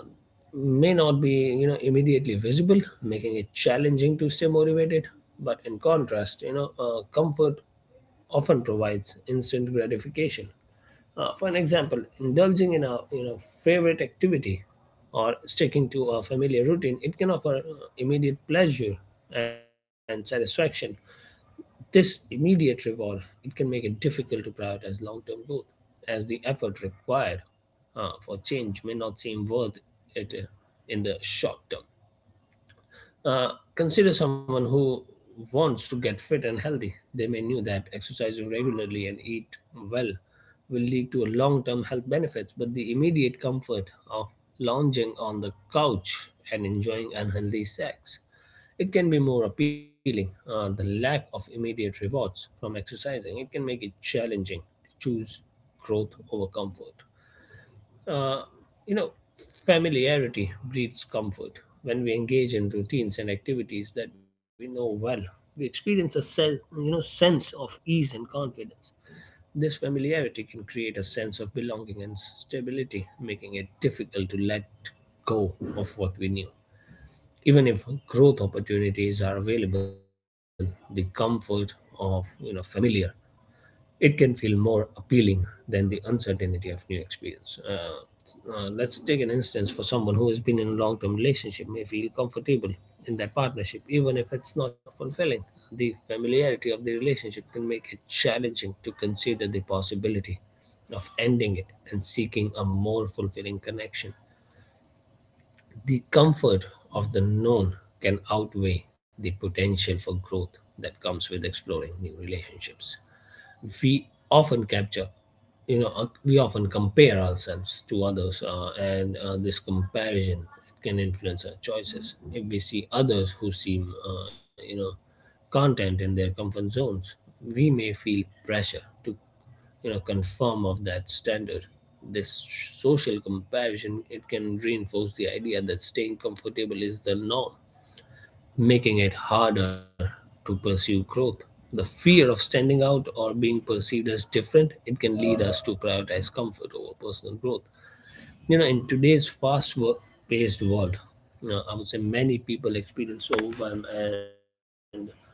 may not be you know immediately visible, making it challenging to stay motivated. But in contrast, you know uh, comfort often provides instant gratification. Uh, for an example, indulging in a you know favorite activity or sticking to a familiar routine, it can offer uh, immediate pleasure and satisfaction. This immediate reward, it can make it difficult to prioritize long-term growth, as the effort required uh, for change may not seem worth it uh, in the short term. Uh, Consider someone who wants to get fit and healthy. They may know that exercising regularly and eat well will lead to long-term health benefits, but the immediate comfort of lounging on the couch and enjoying unhealthy sex, it can be more appealing. Uh, the lack of immediate rewards from exercising, it can make it challenging to choose growth over comfort. Uh, you know, Familiarity breeds comfort. When we engage in routines and activities that we know well, we experience a se- you know sense of ease and confidence. This familiarity can create a sense of belonging and stability, making it difficult to let go of what we knew. Even if growth opportunities are available, the comfort of you know familiar, it can feel more appealing than the uncertainty of new experience. Uh, uh, let's take an instance, for someone who has been in a long term relationship may feel comfortable in that partnership, even if it's not fulfilling. The familiarity of the relationship can make it challenging to consider the possibility of ending it and seeking a more fulfilling connection. The comfort of the known can outweigh the potential for growth that comes with exploring new relationships. We often capture you know uh, we often compare ourselves to others, uh, and uh, this comparison can influence our choices. If we see others who seem uh, you know content in their comfort zones, we may feel pressure to you know conform of that standard. This social comparison, it can reinforce the idea that staying comfortable is the norm, making it harder to pursue growth. The fear of standing out or being perceived as different, it can lead us to prioritize comfort over personal growth. You know, in today's fast-paced world, you know, I would say many people experience overwhelm and burnout.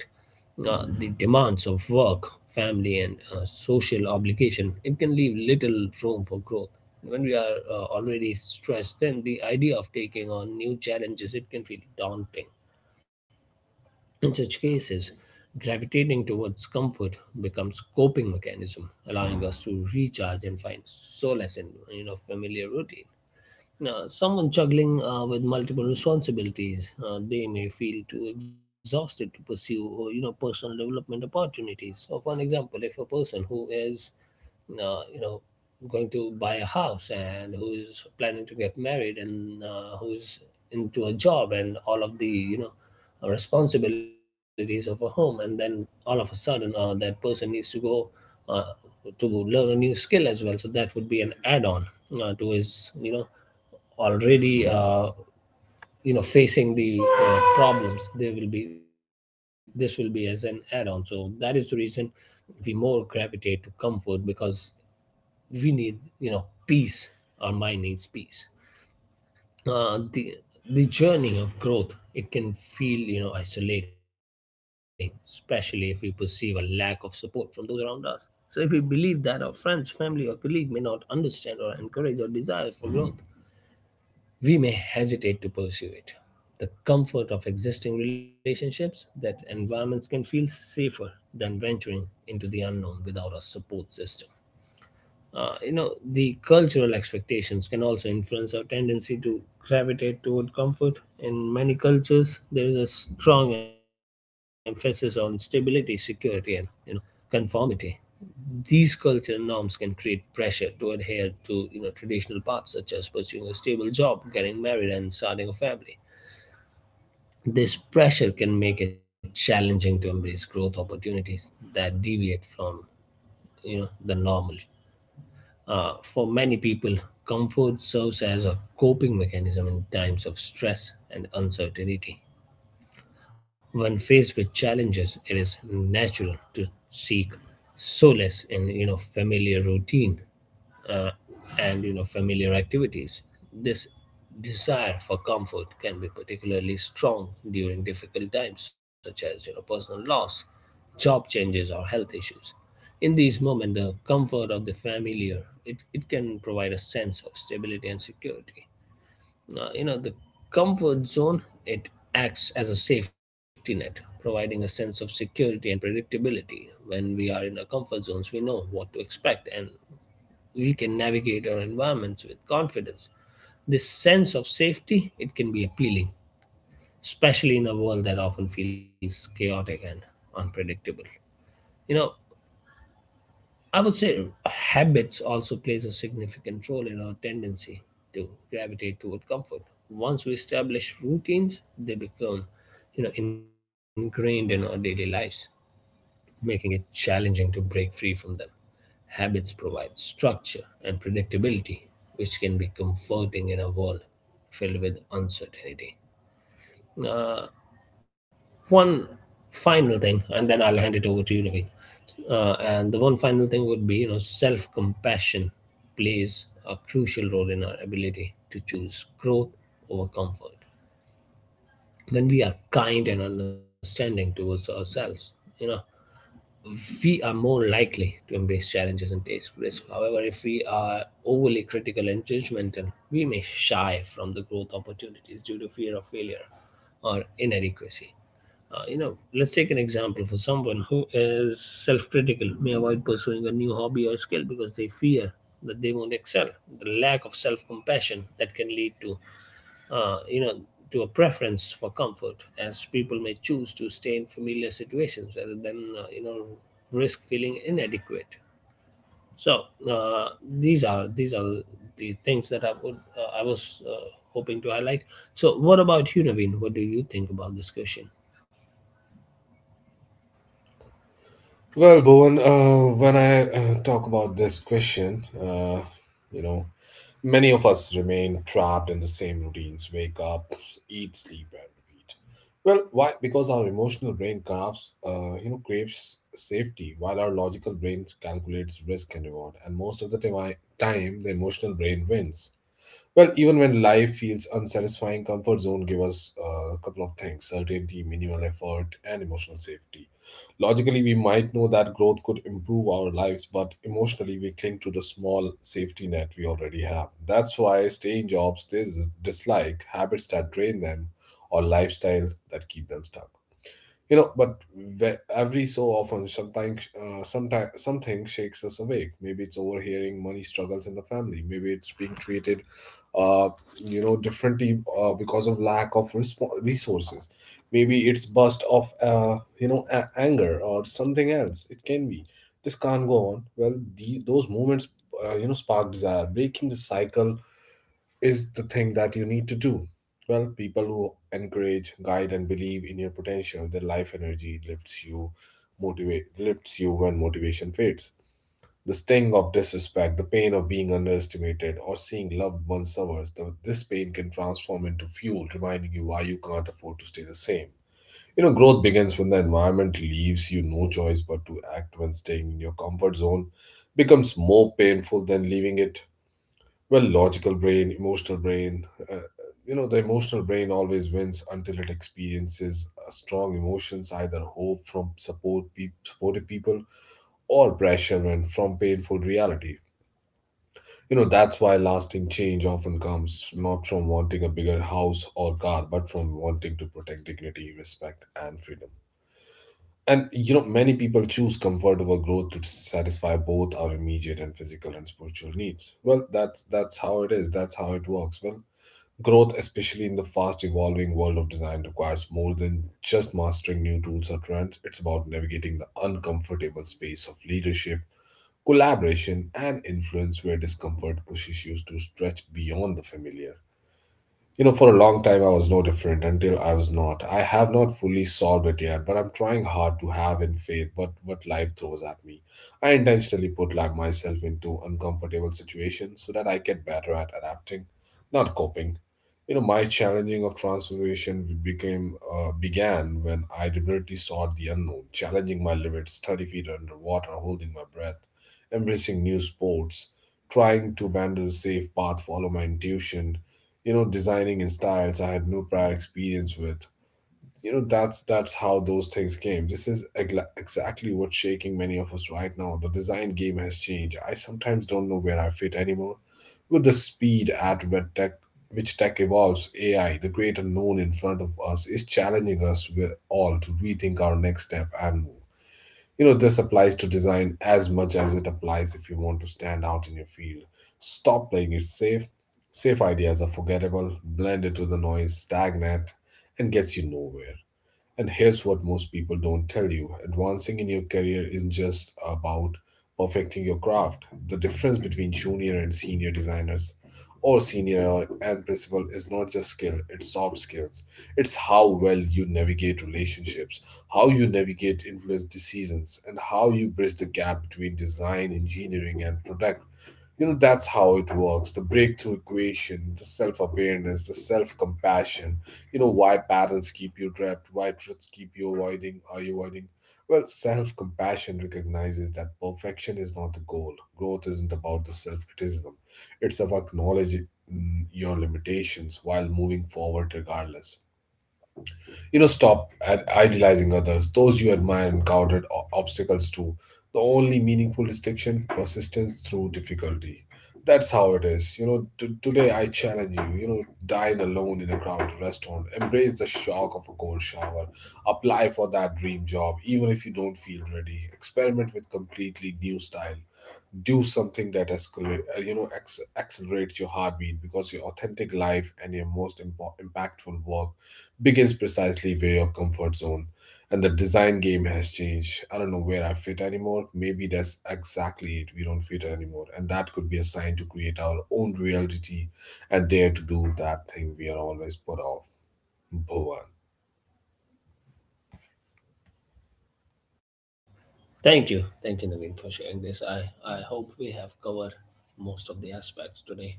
Uh, the demands of work, family, and uh, social obligation, it can leave little room for growth. When we are uh, already stressed, then the idea of taking on new challenges, it can feel daunting. In such cases, gravitating towards comfort becomes coping mechanism, allowing us to recharge and find solace in you know familiar routine. Now, someone juggling uh, with multiple responsibilities, uh, they may feel too exhausted to pursue, uh, you know, personal development opportunities. So, for an example, if a person who is, uh, you know, going to buy a house and who is planning to get married and uh, who's into a job and all of the, you know, uh, responsibilities of a home, and then all of a sudden uh, that person needs to go uh, to learn a new skill as well. So that would be an add-on uh, to his, you know, already uh, you know facing the uh, problems, they will be this will be as an add-on. So that is the reason we more gravitate to comfort, because we need you know peace. Our mind needs peace. Uh, the the journey of growth, it can feel you know isolating, especially if we perceive a lack of support from those around us. So if we believe that our friends, family, or colleague may not understand or encourage our desire for growth, we may hesitate to pursue it. The comfort of existing relationships, that environments can feel safer than venturing into the unknown without a support system. Uh, you know, the cultural expectations can also influence our tendency to gravitate toward comfort. In many cultures, there is a strong emphasis on stability, security, and you know conformity. These cultural norms can create pressure to adhere to you know traditional paths, such as pursuing a stable job, getting married, and starting a family. This pressure can make it challenging to embrace growth opportunities that deviate from you know the normal. Uh, for many people, comfort serves as a coping mechanism in times of stress and uncertainty. When faced with challenges, it is natural to seek solace in you know familiar routine, uh, and you know familiar activities. This desire for comfort can be particularly strong during difficult times, such as you know personal loss, job changes, or health issues. In these moments, the comfort of the familiar, it, it can provide a sense of stability and security. Uh, you know, the comfort zone, it acts as a safety net, providing a sense of security and predictability. When we are in our comfort zones, we know what to expect and we can navigate our environments with confidence. This sense of safety, it can be appealing, especially in a world that often feels chaotic and unpredictable. You know, I would say uh, habits also plays a significant role in our tendency to gravitate toward comfort. Once we establish routines, they become, you know, ingrained in our daily lives, making it challenging to break free from them. Habits provide structure and predictability, which can be comforting in a world filled with uncertainty. Uh, One final thing, and then I'll hand it over to you, Naveen. Uh, and the one final thing would be, you know self-compassion plays a crucial role in our ability to choose growth over comfort. When we are kind and understanding towards ourselves, you know we are more likely to embrace challenges and take risk. However, if we are overly critical and judgmental, we may shy from the growth opportunities due to fear of failure or inadequacy. Uh, you know, let's take an example, for someone who is self-critical may avoid pursuing a new hobby or skill because they fear that they won't excel. The lack of self-compassion, that can lead to, uh, you know, to a preference for comfort, as people may choose to stay in familiar situations rather than, uh, you know, risk feeling inadequate. So uh, these are these are the things that I would uh, I was uh, hoping to highlight. So what about you, Naveen? What do you think about this question?
Well, Bhuvan, uh, when I uh, talk about this question, uh, you know. Many of us remain trapped in the same routines: wake up, eat, sleep, and repeat. Well, why? Because our emotional brain craves, uh, you know, craves safety, while our logical brain calculates risk and reward. And most of the time, time the emotional brain wins. Well, even when life feels unsatisfying, comfort zone give us uh, a couple of things: certainty, minimal effort, and emotional safety. Logically, we might know that growth could improve our lives, but emotionally, we cling to the small safety net we already have. That's why staying jobs they dis- dislike, habits that drain them, or lifestyle that keep them stuck. You know, but ve- every so often, sometimes uh, sometimes something shakes us awake. Maybe it's overhearing money struggles in the family, maybe it's being treated uh, you know differently uh, because of lack of respo- resources, maybe it's burst of uh, you know a- anger or something else. It can be, this can't go on. Well, the- those moments uh, you know spark desire. Breaking the cycle is the thing that you need to do. Well, people who encourage, guide, and believe in your potential, their life energy lifts you, motivate lifts you when motivation fades. The sting of disrespect, the pain of being underestimated, or seeing loved ones suffer, the- this pain can transform into fuel, reminding you why you can't afford to stay the same. You know, growth begins when the environment leaves you no choice but to act, when staying in your comfort zone becomes more painful than leaving it. Well, logical brain, emotional brain. Uh, you know, the emotional brain always wins until it experiences uh, strong emotions, either hope from support, pe- supportive people, or pressure when from painful reality. You know, that's why lasting change often comes not from wanting a bigger house or car, but from wanting to protect dignity, respect, and freedom. And you know, many people choose comfort over growth to satisfy both our immediate and physical and spiritual needs. Well, that's that's how it is. That's how it works. Well, growth, especially in the fast evolving world of design, requires more than just mastering new tools or trends. It's about navigating the uncomfortable space of leadership, collaboration, and influence where discomfort pushes you to stretch beyond the familiar. You know, for a long time, I was no different until I was not. I have not fully solved it yet, but I'm trying hard to have in faith what, what life throws at me. I intentionally put like, myself into uncomfortable situations so that I get better at adapting, not coping. You know, my challenging of transformation became uh, began when I deliberately sought the unknown, challenging my limits, thirty feet underwater, holding my breath, embracing new sports, trying to abandon the safe path, follow my intuition, you know, designing in styles I had no prior experience with. You know, that's that's how those things came. This is egla- exactly what's shaking many of us right now. The design game has changed. I sometimes don't know where I fit anymore with the speed at which tech which tech evolves. AI, the great unknown in front of us, is challenging us with all to rethink our next step and move. You know, this applies to design as much as it applies if you want to stand out in your field. Stop playing it safe. Safe ideas are forgettable, blend into the noise, stagnant, and gets you nowhere. And here's what most people don't tell you: advancing in your career isn't just about perfecting your craft. The difference between junior and senior designers or senior or- and principal is not just skill, it's soft skills. It's how well you navigate relationships, how you navigate influence decisions, and how you bridge the gap between design, engineering, and product. You know, that's how it works: the breakthrough equation, the self awareness, the self compassion. You know, why patterns keep you trapped, why truths keep you avoiding, are you avoiding? Well, self compassion recognizes that perfection is not the goal. Growth isn't about the self criticism, it's about acknowledging mm, your limitations while moving forward regardless. You know, stop at idealizing others. Those you admire encountered o- obstacles too. The only meaningful distinction, persistence through difficulty. That's how it is. You know, t- today I challenge you. You know, dine alone in a crowded restaurant. Embrace the shock of a cold shower. Apply for that dream job, even if you don't feel ready. Experiment with completely new style, do something that escalate, uh, you know, acc- accelerates your heartbeat, because your authentic life and your most impo- impactful work begins precisely where your comfort zone. And the design game has changed. I don't know where I fit anymore. Maybe that's exactly it. We don't fit anymore, and that could be a sign to create our own reality and dare to do that thing we are always put off. Bhuvan.
Thank you. Thank you, Naveen, for sharing this. I, I hope we have covered most of the aspects today,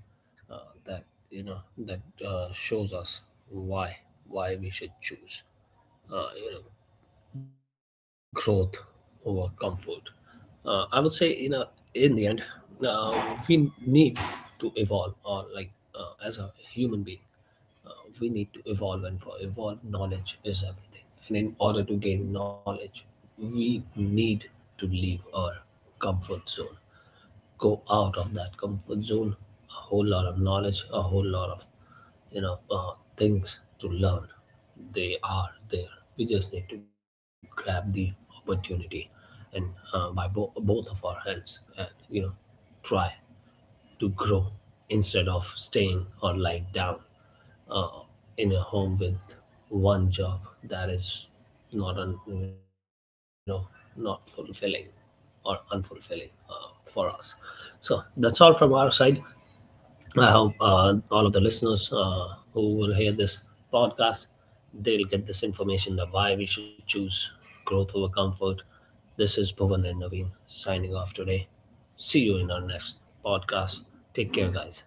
uh, that, you know, that uh, shows us why, why we should choose, uh, you know, growth over comfort. Uh, I would say, you know, in the end, uh, we need to evolve, or like uh, as a human being, uh, we need to evolve, and for evolve, knowledge is everything. And in order to gain knowledge, we need to leave our comfort zone, go out of that comfort zone. A whole lot of knowledge, a whole lot of you know uh, things to learn. They are there. We just need to grab the opportunity and uh, by bo- both of our hands, and you know try to grow instead of staying or lying down uh, in a home with one job that is not un, you know not fulfilling, or unfulfilling uh, for us. So that's all from our side. I hope uh, all of the listeners uh, who will hear this podcast, they'll get this information, that why we should choose growth over comfort. This is Bhuvan and Naveen, signing off today. See you in our next podcast. Take care, guys.